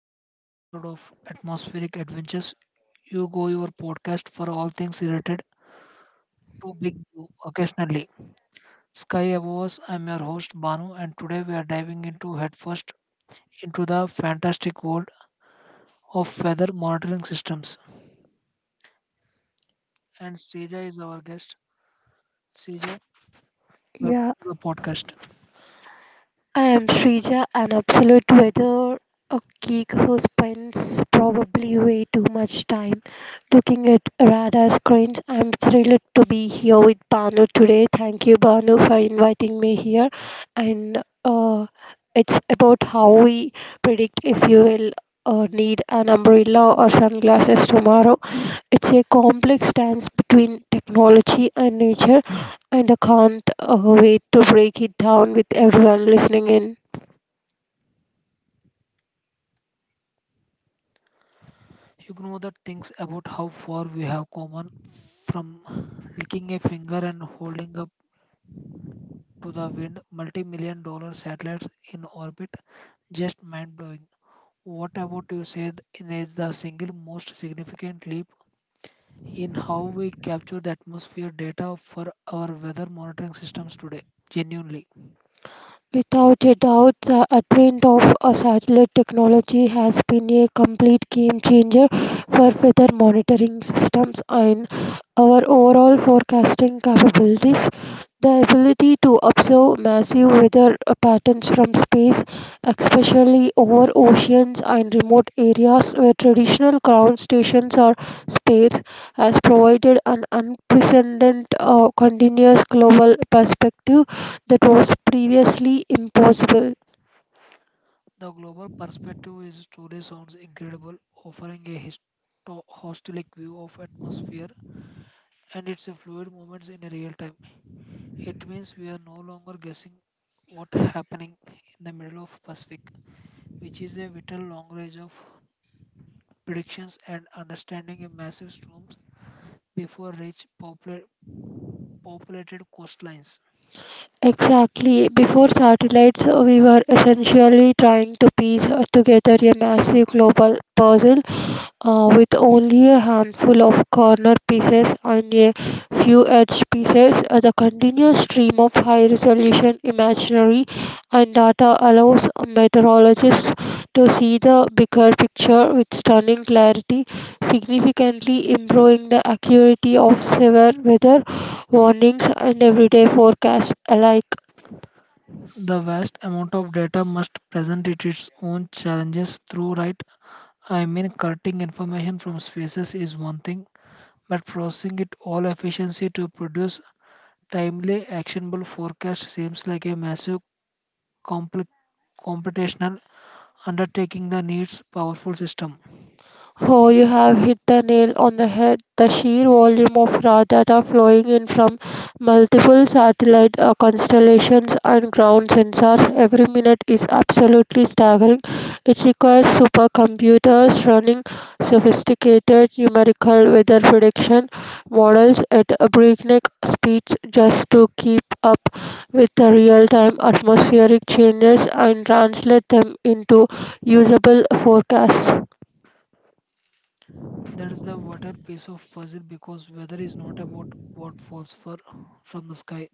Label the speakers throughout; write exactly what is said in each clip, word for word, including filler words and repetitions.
Speaker 1: to a special episode of Atmospheric Adventures. You go your podcast for all things related to Big Blue occasionally. Sky above us, I'm your host Banu, and today we are diving into headfirst into the fantastic world of weather monitoring systems. And Seja is our guest. Seja, welcome
Speaker 2: Yeah,
Speaker 1: to the podcast.
Speaker 2: I am Shrija, an absolute weather a geek who spends probably way too much time looking at radar screens. I'm thrilled to be here with Banu today. Thank you, Banu, for inviting me here. And uh, It's about how we predict, if you will, uh, need an umbrella or sunglasses tomorrow. It's a complex dance between technology and nature, and I can't uh, wait to break it down with everyone listening in.
Speaker 1: You know the things about how far we have come from licking a finger and holding up to the wind multi-million dollar satellites in orbit. Just mind blowing. What about you said in is the single most significant leap in how we capture the atmosphere data for our weather monitoring systems today? Genuinely,
Speaker 2: Without a doubt, the advent of a satellite technology has been a complete game changer for weather monitoring systems and our overall forecasting capabilities. The ability to observe massive weather uh, patterns from space, especially over oceans and remote areas where traditional ground stations are sparse, has provided an unprecedented uh, continuous global perspective that was previously impossible.
Speaker 1: the global perspective is truly sounds incredible, offering a histo- hostilic view of atmosphere and its fluid movements in real time. It means we are no longer guessing what happening in the middle of Pacific, which is a vital long range of predictions and understanding a massive storms before reach popula- populated coastlines.
Speaker 2: Exactly. Before satellites, uh, we were essentially trying to piece uh, together a massive global puzzle uh, with only a handful of corner pieces and a few edge pieces. Uh, the continuous stream of high resolution imagery and data allows meteorologists to see the bigger picture with stunning clarity, significantly improving the accuracy of severe weather warnings and everyday forecasts alike.
Speaker 1: The vast amount of data must present it its own challenges through right. I mean, cutting information from spaces is one thing, but processing it all efficiency to produce timely, actionable forecast seems like a massive compli- computational undertaking that needs powerful system.
Speaker 2: Oh, you have hit the nail on the head. The sheer volume of raw data flowing in from multiple satellite uh, constellations and ground sensors every minute is absolutely staggering. It requires supercomputers running sophisticated numerical weather prediction models at a breakneck speeds just to keep up with the real-time atmospheric changes and translate them into usable forecasts.
Speaker 1: That is the water piece of puzzle because weather is not about what falls for from the sky,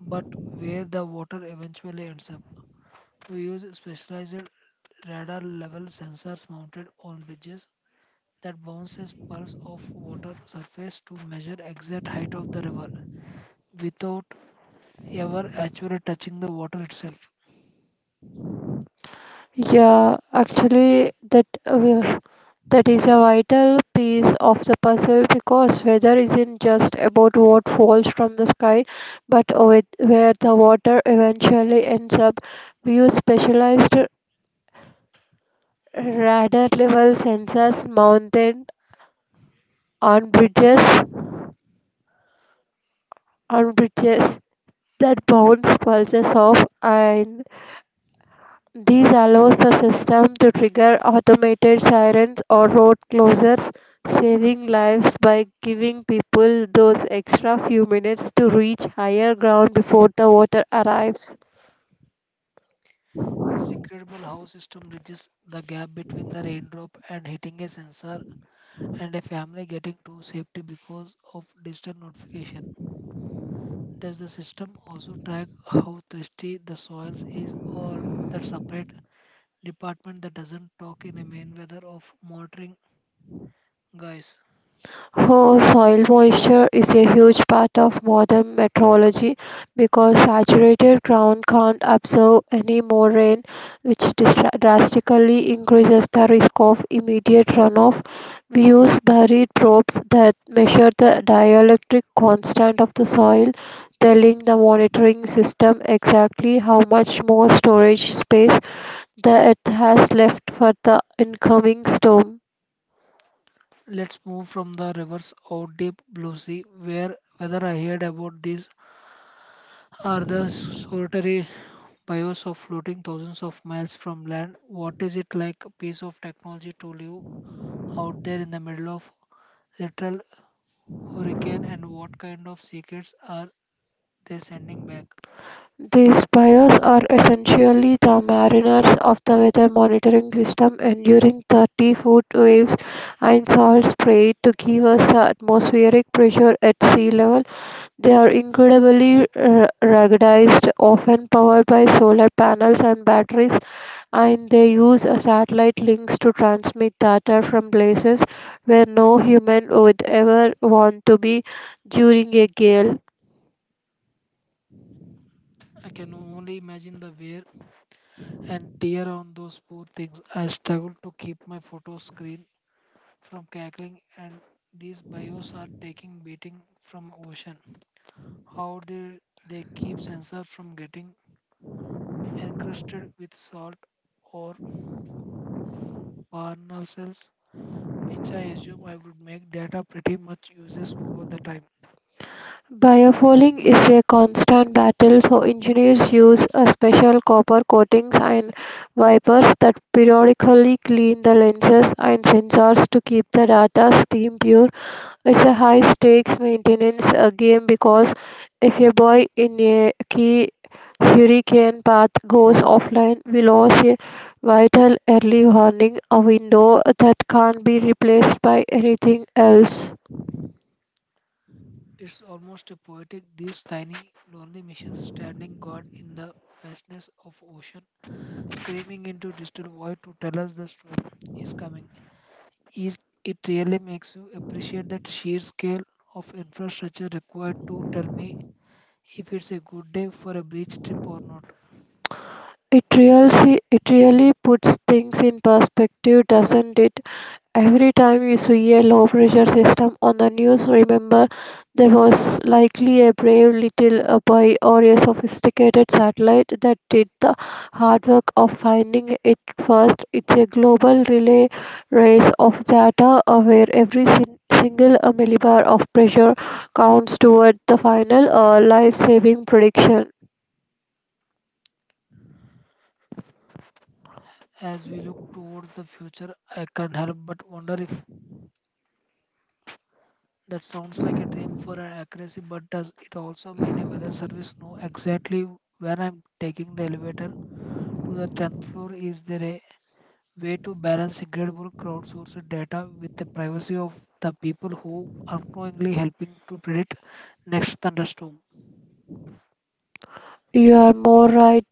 Speaker 1: but where the water eventually ends up. We use specialized radar level sensors mounted on bridges that bounces pulse of water surface to measure exact height of the river without ever actually touching the water itself.
Speaker 2: Yeah, actually, that uh, that is a vital piece of the puzzle because weather isn't just about what falls from the sky, but with where the water eventually ends up. We use specialized radar level sensors mounted on bridges on bridges that bounce pulses off, and this allows the system to trigger automated sirens or road closures, saving lives by giving people those extra few minutes to reach higher ground before the water arrives.
Speaker 1: It's incredible how system bridges the gap between the raindrop and hitting a sensor and a family getting to safety because of digital notification. Does the system also track how thirsty the soils is or that separate department that doesn't talk in a main weather of monitoring guys?
Speaker 2: Oh, soil moisture is a huge part of modern meteorology because saturated ground can't absorb any more rain, which distra- drastically increases the risk of immediate runoff. We use buried probes that measure the dielectric constant of the soil, telling the monitoring system exactly how much more storage space the earth has left for the incoming storm.
Speaker 1: Let's move from the rivers out deep blue sea, where whether I heard about these are the solitary bios of floating thousands of miles from land. What is it like a piece of technology to live out there in the middle of literal hurricane, and what kind of secrets are they sending back?
Speaker 2: These piers are essentially the mariners of the weather monitoring system, enduring thirty-foot waves and salt spray to give us the atmospheric pressure at sea level. They are incredibly uh, ruggedized, often powered by solar panels and batteries, and they use uh, satellite links to transmit data from places where no human would ever want to be during a gale.
Speaker 1: I can only imagine the wear and tear on those poor things. I struggle to keep my photo screen from cackling, and these bios are taking beating from ocean. How did they keep sensors from getting encrusted with salt or barnel cells? Which I assume I would make data pretty much useless over the time.
Speaker 2: Biofueling is a constant battle, so engineers use a special copper coatings and wipers that periodically clean the lenses and sensors to keep the data steam pure. It's a high stakes maintenance uh, game because if a buoy in a key hurricane path goes offline, we lose a vital early warning, a window that can't be replaced by anything else.
Speaker 1: It's almost a poetic, these tiny, lonely missions standing guard in the vastness of ocean, screaming into digital void to tell us the storm is coming. Is it really makes you appreciate that sheer scale of infrastructure required to tell me if it's a good day for a beach trip or not.
Speaker 2: It really it really puts things in perspective, doesn't it? Every time we see a low pressure system on the news, remember there was likely a brave little uh, boy or a sophisticated satellite that did the hard work of finding it first. It's a global relay race of data uh, where every sin- single uh, millibar of pressure counts toward the final uh, life saving prediction.
Speaker 1: As we look towards the future, I can't help but wonder if that sounds like a dream for an accuracy, but does it also mean a weather service know exactly when I'm taking the elevator to the tenth floor? Is there a way to balance incredible crowdsourced data with the privacy of the people who are unknowingly helping to predict next thunderstorm?
Speaker 2: You are more right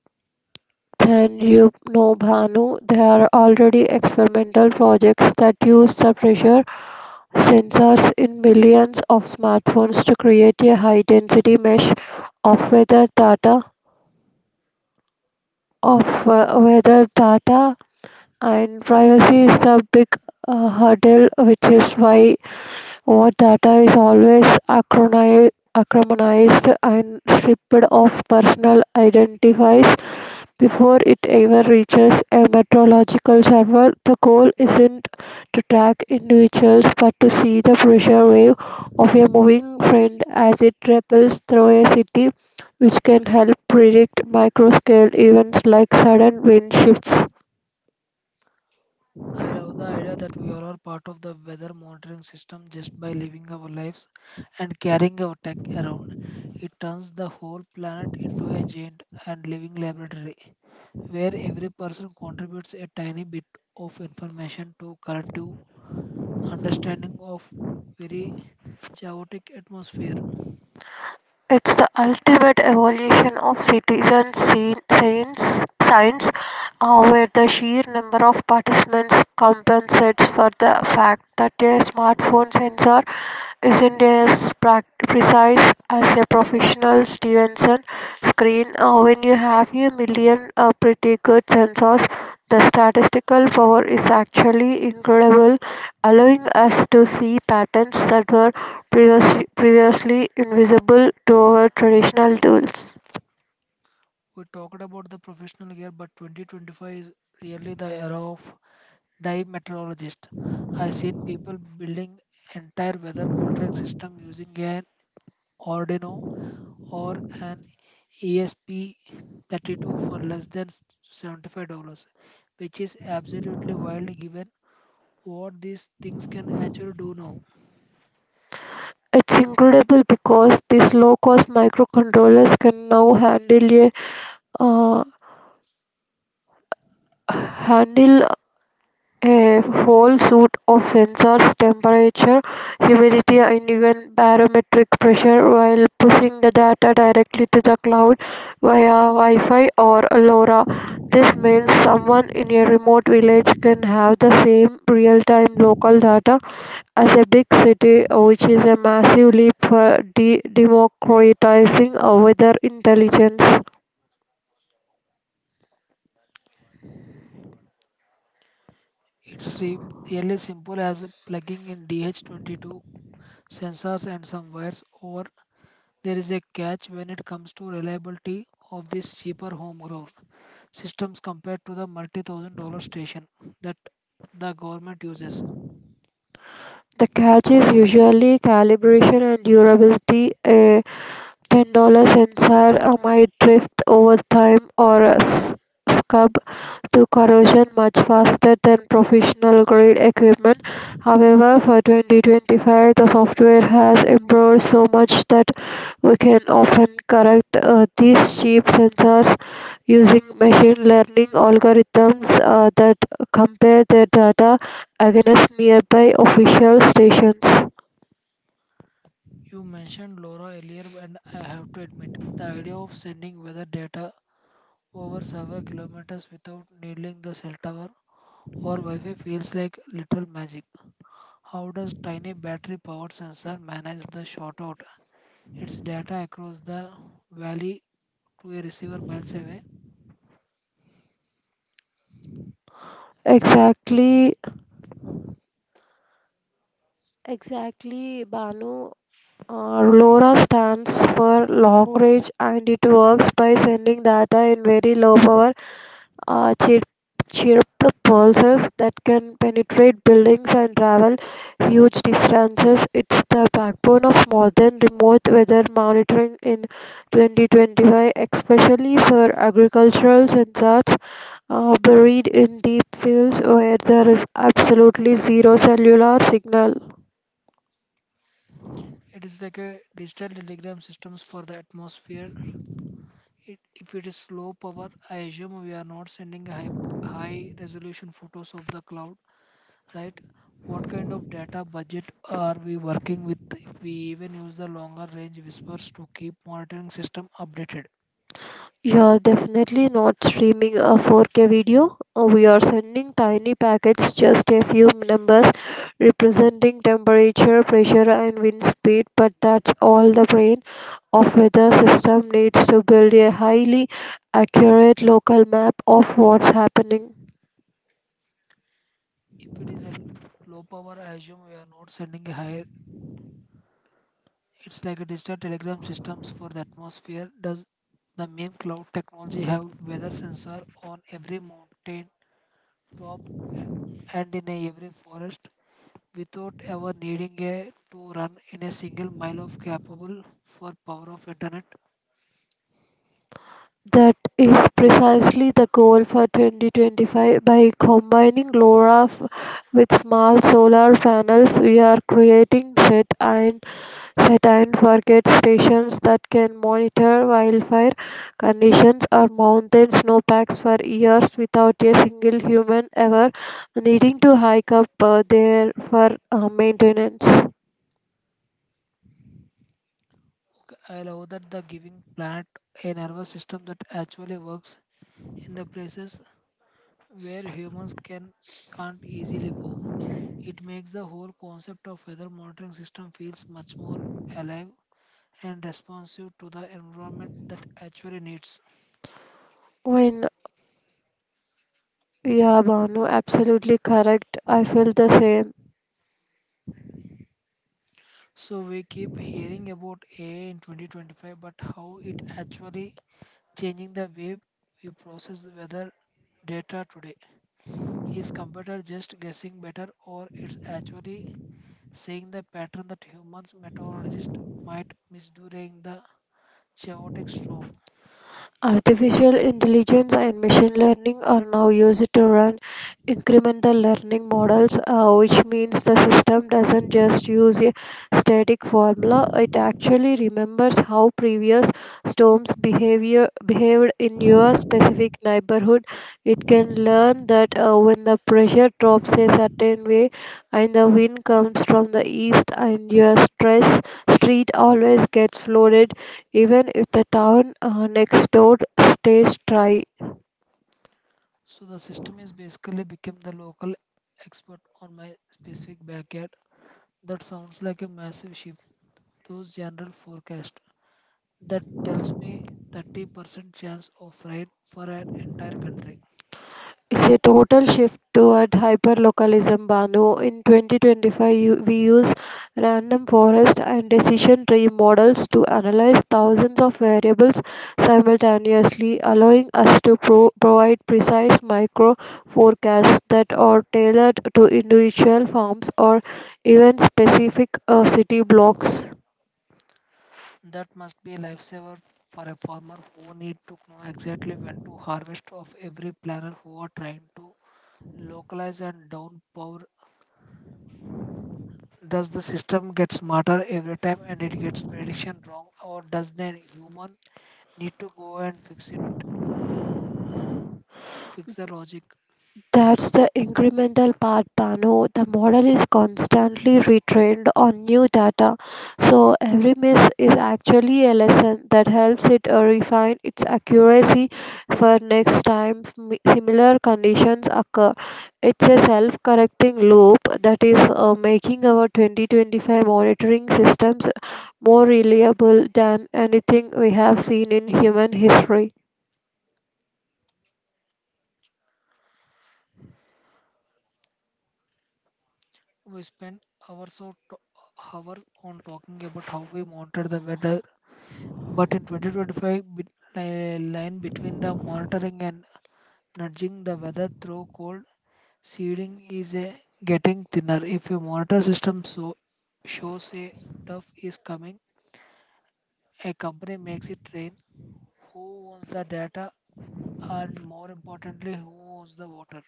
Speaker 2: than you know, Bhanu. There are already experimental projects that use the pressure sensors in millions of smartphones to create a high density mesh of weather data of uh, weather data, and privacy is the big uh, hurdle, which is why our data is always acroni- acromonized and stripped of personal identifiers before it ever reaches a meteorological server. The goal isn't to track individuals but to see the pressure wave of a moving friend as it ripples through a city, which can help predict micro-scale events like sudden wind shifts.
Speaker 1: I love the idea that we are all part of the weather monitoring system just by living our lives and carrying our tech around. It turns the whole planet into a giant and living laboratory where every person contributes a tiny bit of information to collective understanding of very chaotic atmosphere.
Speaker 2: It's the ultimate evolution of citizen scien- science, science uh, where the sheer number of participants compensates for the fact that a smartphone sensor isn't as prac- precise as a professional Stevenson screen. Uh, when you have a million uh, pretty good sensors, the statistical power is actually incredible, allowing us to see patterns that were previously, previously invisible to our traditional tools.
Speaker 1: We talked about the professional year, but twenty twenty-five is really the era of Dive meteorologist. I've seen people building entire weather monitoring system using an Arduino or an E S P thirty-two for less than seventy-five dollars which is absolutely wild given what these things can actually do now.
Speaker 2: It's incredible because these low-cost microcontrollers can now handle a uh, handle a whole suite of sensors, temperature, humidity, and even barometric pressure, while pushing the data directly to the cloud via Wi-Fi or LoRa. This means someone in a remote village can have the same real-time local data as a big city, which is a massive leap for de- democratizing our weather intelligence.
Speaker 1: It's re- really simple as plugging in D H twenty-two sensors and some wires, or there is a catch when it comes to reliability of this cheaper homegrown systems compared to the multi thousand dollar station that the government uses.
Speaker 2: The catch is usually calibration and durability. Uh, ten dollar sensor uh, might drift over time or uh, s- scub to corrosion much faster than professional grade equipment. However, for twenty twenty-five, the software has improved so much that we can often correct uh, these cheap sensors using machine learning algorithms uh, that compare their data against nearby official stations.
Speaker 1: You mentioned LoRa earlier, and I have to admit, the idea of sending weather data over several kilometers without needing the cell tower or Wi Fi feels like literal magic. How does tiny battery powered sensor manage the shortout? Its data across the valley to a receiver miles away.
Speaker 2: Exactly, exactly, Banu. Uh, LoRa stands for long range, and it works by sending data in very low power uh, chirp, chirp pulses that can penetrate buildings and travel huge distances. It's the backbone of modern remote weather monitoring in twenty twenty-five, especially for agricultural sensors uh, buried in deep fields where there is absolutely zero cellular signal.
Speaker 1: It is like a digital telegram systems for the atmosphere. It, if it is low power, I assume we are not sending high, high resolution photos of the cloud, right? What kind of data budget are we working with? We even use the longer range whispers to keep monitoring system updated.
Speaker 2: You're definitely not streaming a four K video. Uh, We are sending tiny packets, just a few numbers representing temperature, pressure, and wind speed, but that's all the brain of weather system needs to build a highly accurate local map of what's happening.
Speaker 1: If it is a low power, I assume we are not sending a higher. It's like a digital telegram systems for the atmosphere. Does the main cloud technology have weather sensor on every mountain top and in a every forest, without ever needing a, to run in a single mile of capable for power of internet?
Speaker 2: That is precisely the goal for twenty twenty five. By combining LoRa f- with small solar panels, we are creating set and set and forget stations that can monitor wildfire conditions or mountain snowpacks for years without a single human ever needing to hike up uh, there for uh, maintenance.
Speaker 1: Okay, I love that the giving planet a nervous system that actually works in the places where humans can can't easily go. It makes the whole concept of weather monitoring system feels much more alive and responsive to the environment that actually needs.
Speaker 2: When yeah, Banu, absolutely correct. I feel the same.
Speaker 1: So we keep hearing about A I in twenty twenty-five, but how it actually changing the way you process weather data today. Is computer just guessing better or it's actually seeing the pattern that humans meteorologists might miss during the chaotic storm?
Speaker 2: Artificial intelligence and machine learning are now used to run incremental learning models, uh, which means the system doesn't just use a static formula, it actually remembers how previous storms behavior behaved in your specific neighborhood. It can learn that uh, when the pressure drops a certain way and the wind comes from the east and your stress street always gets flooded even if the town uh, next door stays dry.
Speaker 1: So the system is basically become the local expert on my specific backyard. That sounds like a massive shift. Those general forecast that tells me thirty percent chance of rain for an entire country.
Speaker 2: It's a total shift toward hyperlocalism, Banu. In twenty twenty-five, you- we use random forest and decision tree models to analyze thousands of variables simultaneously, allowing us to pro- provide precise micro forecasts that are tailored to individual farms or even specific uh, city blocks.
Speaker 1: That must be a lifesaver for a farmer who need to know exactly when to harvest of every planner who are trying to localize and downpour. Does the system get smarter every time and it gets prediction wrong, or does the human need to go and fix it fix the logic?
Speaker 2: That's the incremental part, Bano. The model is constantly retrained on new data, so every miss is actually a lesson that helps it uh, refine its accuracy for next time smi- similar conditions occur. It's a self correcting loop that is uh, making our twenty twenty-five monitoring systems more reliable than anything we have seen in human history.
Speaker 1: We spend hours or to- hours on talking about how we monitor the weather, but in twenty twenty-five bit- li- line between the monitoring and nudging the weather through cold seeding is a getting thinner. If a monitor system so, shows a tough is coming, a company makes it rain. Who owns the data and, more importantly, who owns the water?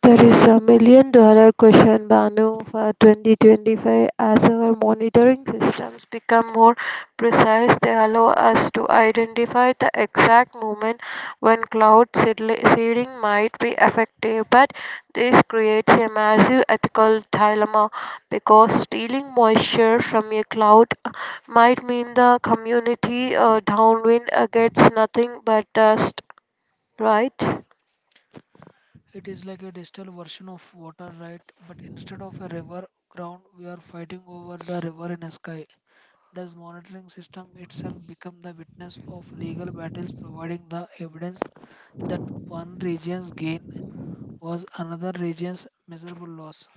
Speaker 2: There is a million dollar question, Banu, for twenty twenty-five. As our monitoring systems become more precise, they allow us to identify the exact moment when cloud seedli- seeding might be effective. But this creates a massive ethical dilemma because stealing moisture from a cloud uh, might mean the community uh, downwind uh, gets nothing but dust, right?
Speaker 1: It is like a digital version of water, right? But instead of a river ground, we are fighting over the river in a sky. Does monitoring system itself become the witness of legal battles, providing the evidence that one region's gain was another region's measurable loss.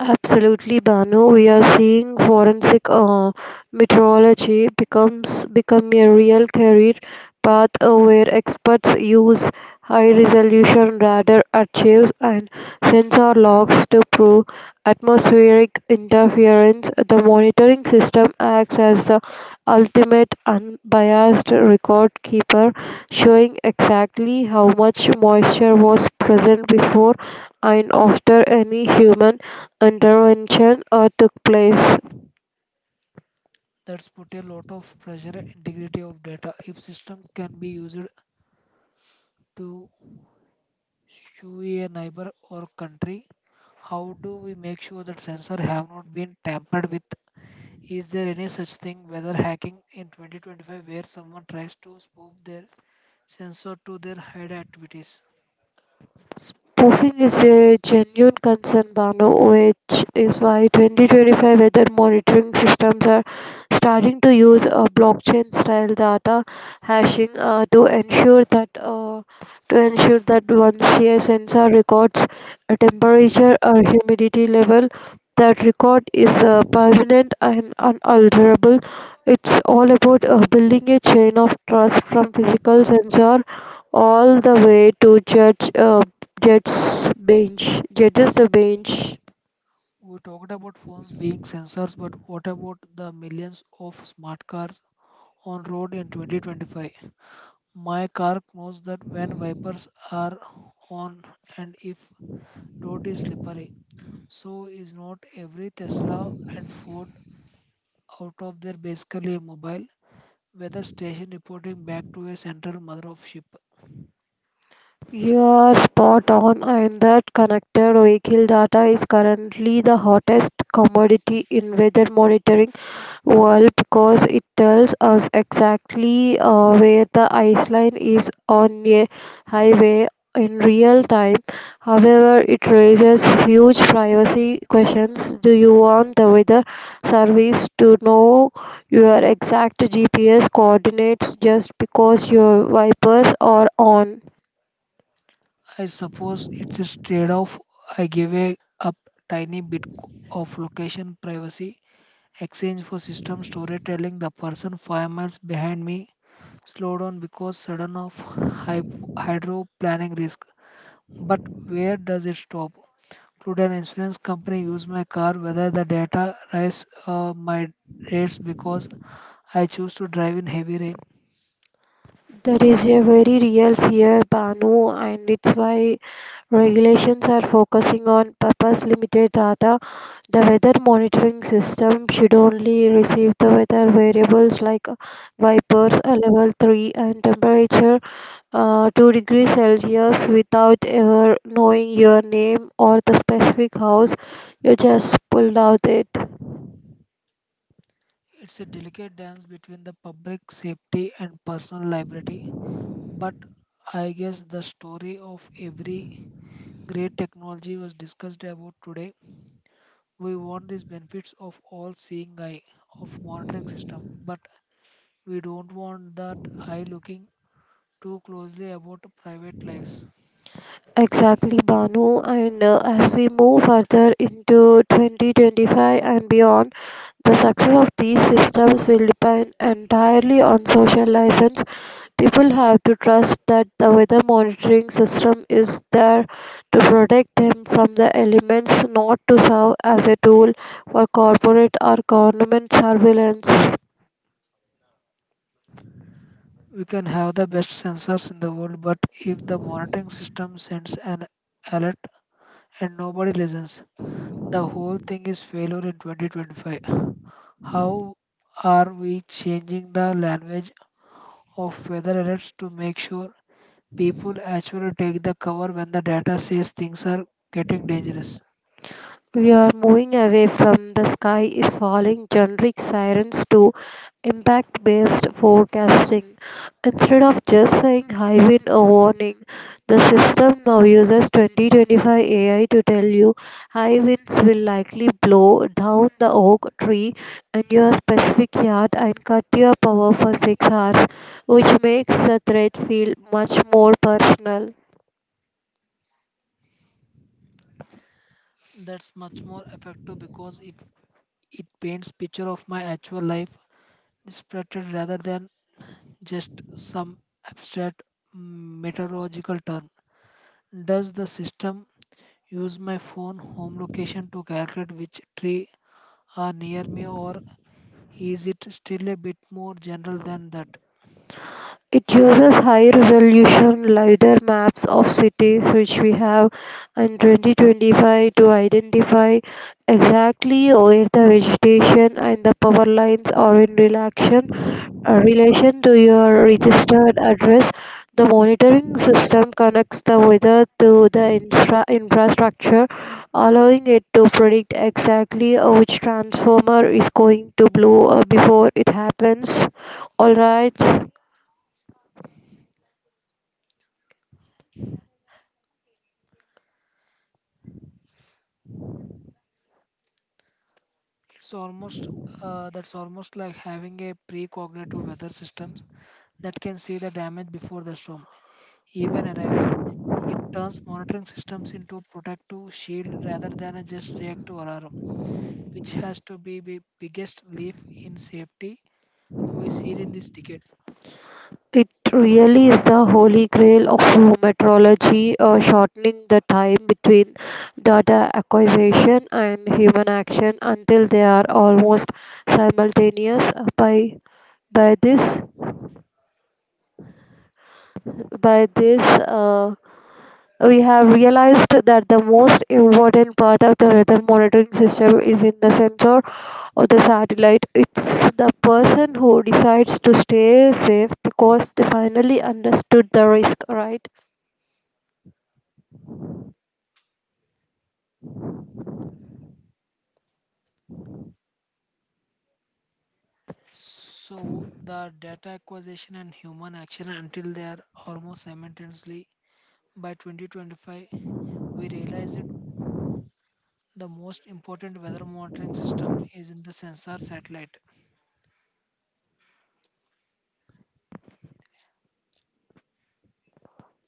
Speaker 2: Absolutely, Banu. We are seeing forensic uh, meteorology becomes become a real career path uh, where experts use high-resolution radar archives and sensor logs to prove atmospheric interference. The monitoring system acts as the ultimate unbiased record keeper, showing exactly how much moisture was present before and after any human intervention uh, took place.
Speaker 1: That's put a lot of pressure on integrity of data. If system can be used to sue a neighbor or country, how do we make sure that sensor have not been tampered with? Is there any such thing weather hacking in twenty twenty-five where someone tries to spoof their sensor to their hide activities?
Speaker 2: Spoofing is a genuine concern, Bano, which is why twenty twenty-five weather monitoring systems are starting to use uh, blockchain-style data hashing uh, to ensure that uh, to ensure that once a sensor records a temperature or humidity level, that record is uh, permanent and unalterable. It's all about uh, building a chain of trust from physical sensor all the way to judge uh, Jets bench. Judges the bench.
Speaker 1: We talked about phones being sensors, but what about the millions of smart cars on road in twenty twenty-five? My car knows that when wipers are on and if road is slippery. So is not every Tesla and Ford out of their basically a mobile weather station reporting back to a central mother of ship.
Speaker 2: You are spot on, and that connected vehicle data is currently the hottest commodity in weather monitoring. Well, because it tells us exactly uh, where the iceline is on a highway in real time. However, it raises huge privacy questions. Do you want the weather service to know your exact G P S coordinates just because your wipers are on?
Speaker 1: I suppose it's a trade-off. I give a up tiny bit co- of location privacy exchange for system storytelling. The person five miles behind me slow down because sudden of hy- hydro planning risk. But where does it stop? Could an insurance company use my car whether the data rise uh, my rates because I choose to drive in heavy rain?
Speaker 2: There is a very real fear, Banu, and it's why regulations are focusing on purpose limited data. The weather monitoring system should only receive the weather variables like vipers a level three and temperature uh, two degrees Celsius without ever knowing your name or the specific house you just pulled out it.
Speaker 1: It's a delicate dance between the public safety and personal liability. But I guess the story of every great technology was discussed about today. We want these benefits of all seeing eye of monitoring system, but we don't want that eye looking too closely about private lives.
Speaker 2: Exactly, Banu. And uh, as we move further into twenty twenty-five and beyond, the success of these systems will depend entirely on social license. People have to trust that the weather monitoring system is there to protect them from the elements, not to serve as a tool for corporate or government surveillance.
Speaker 1: We can have the best sensors in the world, but if the monitoring system sends an alert and nobody listens, the whole thing is failure in twenty twenty-five. How are we changing the language of weather alerts to make sure people actually take the cover when the data says things are getting dangerous?
Speaker 2: We are moving away from the sky is falling generic sirens to impact based forecasting. Instead of just saying high wind or warning, the system now uses twenty twenty-five A I to tell you high winds will likely blow down the oak tree in your specific yard and cut your power for six hours, which makes the threat feel much more personal.
Speaker 1: That's much more effective because if it paints picture of my actual life spread rather than just some abstract meteorological term. Does the system use my phone home location to calculate which tree are near me, or is it still a bit more general than that?
Speaker 2: It uses high-resolution lidar maps of cities which we have in twenty twenty-five to identify exactly where the vegetation and the power lines are in relation uh, relation to your registered address. The monitoring system connects the weather to the infra- infrastructure, allowing it to predict exactly uh, which transformer is going to blow uh, before it happens. All right.
Speaker 1: It's almost uh, that's almost like having a precognitive weather systems that can see the damage before the storm even arrives. It turns monitoring systems into protective shield rather than a just reactive alarm, which has to be the biggest leap in safety we see it in this decade.
Speaker 2: It really is the holy grail of meteorology, uh, shortening the time between data acquisition and human action until they are almost simultaneous. By by this by this uh, we have realized that the most important part of the weather monitoring system is in the sensor or the satellite. It's the person who decides to stay safe because they finally understood the risk, right?
Speaker 1: So the data acquisition and human action until they are almost simultaneously. By twenty twenty-five, we realize it the most important weather monitoring system is in the sensor satellite.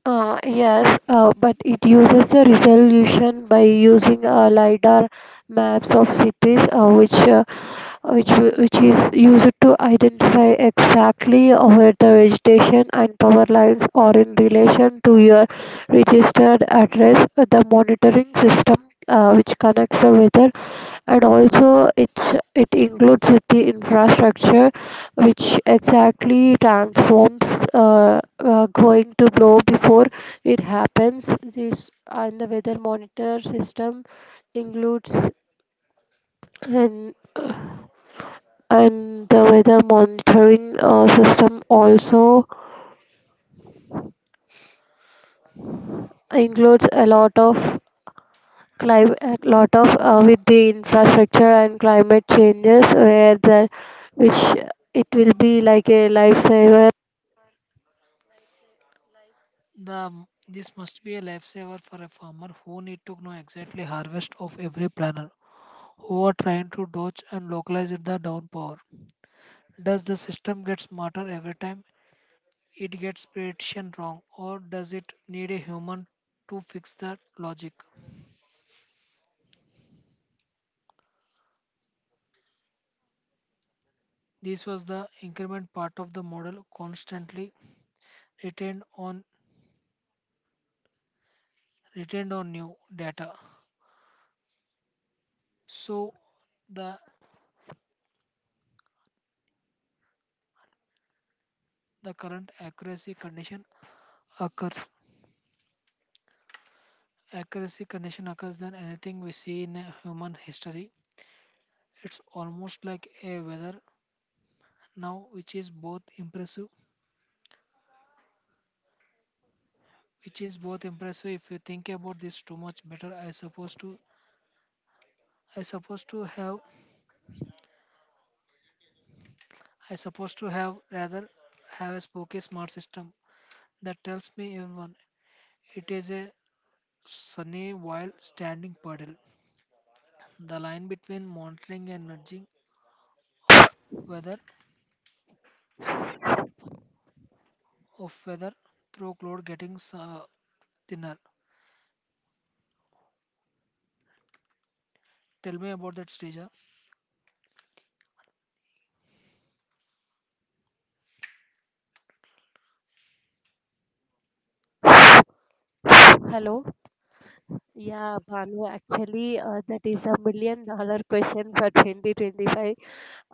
Speaker 2: Uh, yes, uh, but it uses the resolution by using uh, lidar maps of cities, uh, which uh, which wi- which is used to identify exactly where the vegetation and power lines are in relation to your registered address. Uh, The monitoring system, uh, which connects the weather, and also it's it includes with the infrastructure which exactly transforms uh, uh, going to blow before it happens. This and the weather monitor system includes and and the weather monitoring uh, system also includes a lot of climate a lot of uh, with the infrastructure and climate changes where the which it will be like a lifesaver.
Speaker 1: The this must be a lifesaver for a farmer who need to know exactly harvest of every planter who are trying to dodge and localize it the downpour. Does the system get smarter every time? It gets prediction wrong or does it need a human to fix that logic? This was the increment part of the model, constantly retained on retained on new data, so the the current accuracy condition occurs accuracy condition occurs than anything we see in a human history. It's almost like a weather now, which is both impressive which is both impressive if you think about this too much better. i suppose to I supposed to have I supposed to have rather have a spooky smart system that tells me even it is a sunny while standing puddle. The line between monitoring and nudging of weather of weather through cloud getting uh, thinner. Tell me about that, Srija.
Speaker 2: Hello. Yeah, Banu, actually, uh, that is a million dollar question for twenty twenty-five.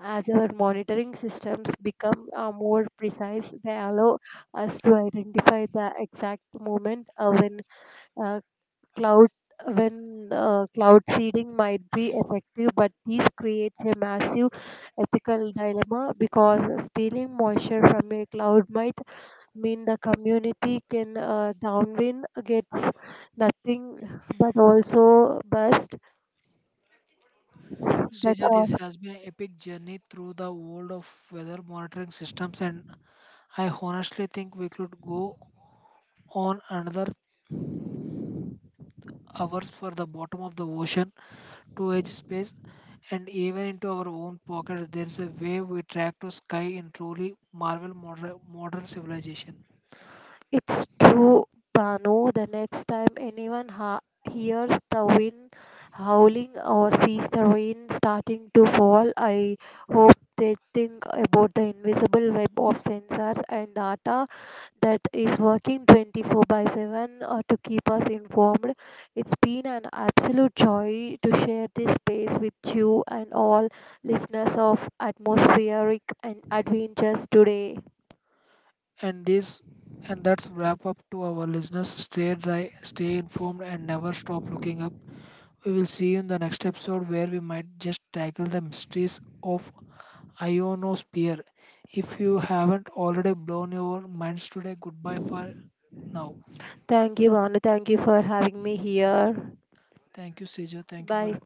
Speaker 2: As our monitoring systems become uh, more precise, they allow us to identify the exact moment uh, when uh, cloud when uh, cloud seeding might be effective, but this creates a massive ethical dilemma because stealing moisture from a cloud might mean the community can uh, downwind gets nothing but also bust that
Speaker 1: Srija, this
Speaker 2: uh,
Speaker 1: has been an epic journey through the world of weather monitoring systems, and I honestly think we could go on another hours for the bottom of the ocean to edge space and even into our own pockets. There is a way we track to sky in truly marvel moder- modern civilization.
Speaker 2: It's true, Banu. The next time anyone ha- hears the wind howling or sees the rain starting to fall, I hope they think about the invisible web of sensors and data that is working twenty-four by seven uh, to keep us informed. It's been an absolute joy to share this space with you and all listeners of Atmospheric and Adventures today.
Speaker 1: and this and that's wrap up. To our listeners, stay dry, stay informed, and never stop looking up. We will see you in the next episode, where we might just tackle the mysteries of ionosphere. If you haven't already blown your minds today, goodbye for now.
Speaker 2: Thank you, Bhanu. Thank you for having me here.
Speaker 1: Thank you, Seja. Thank you for
Speaker 2: Bye.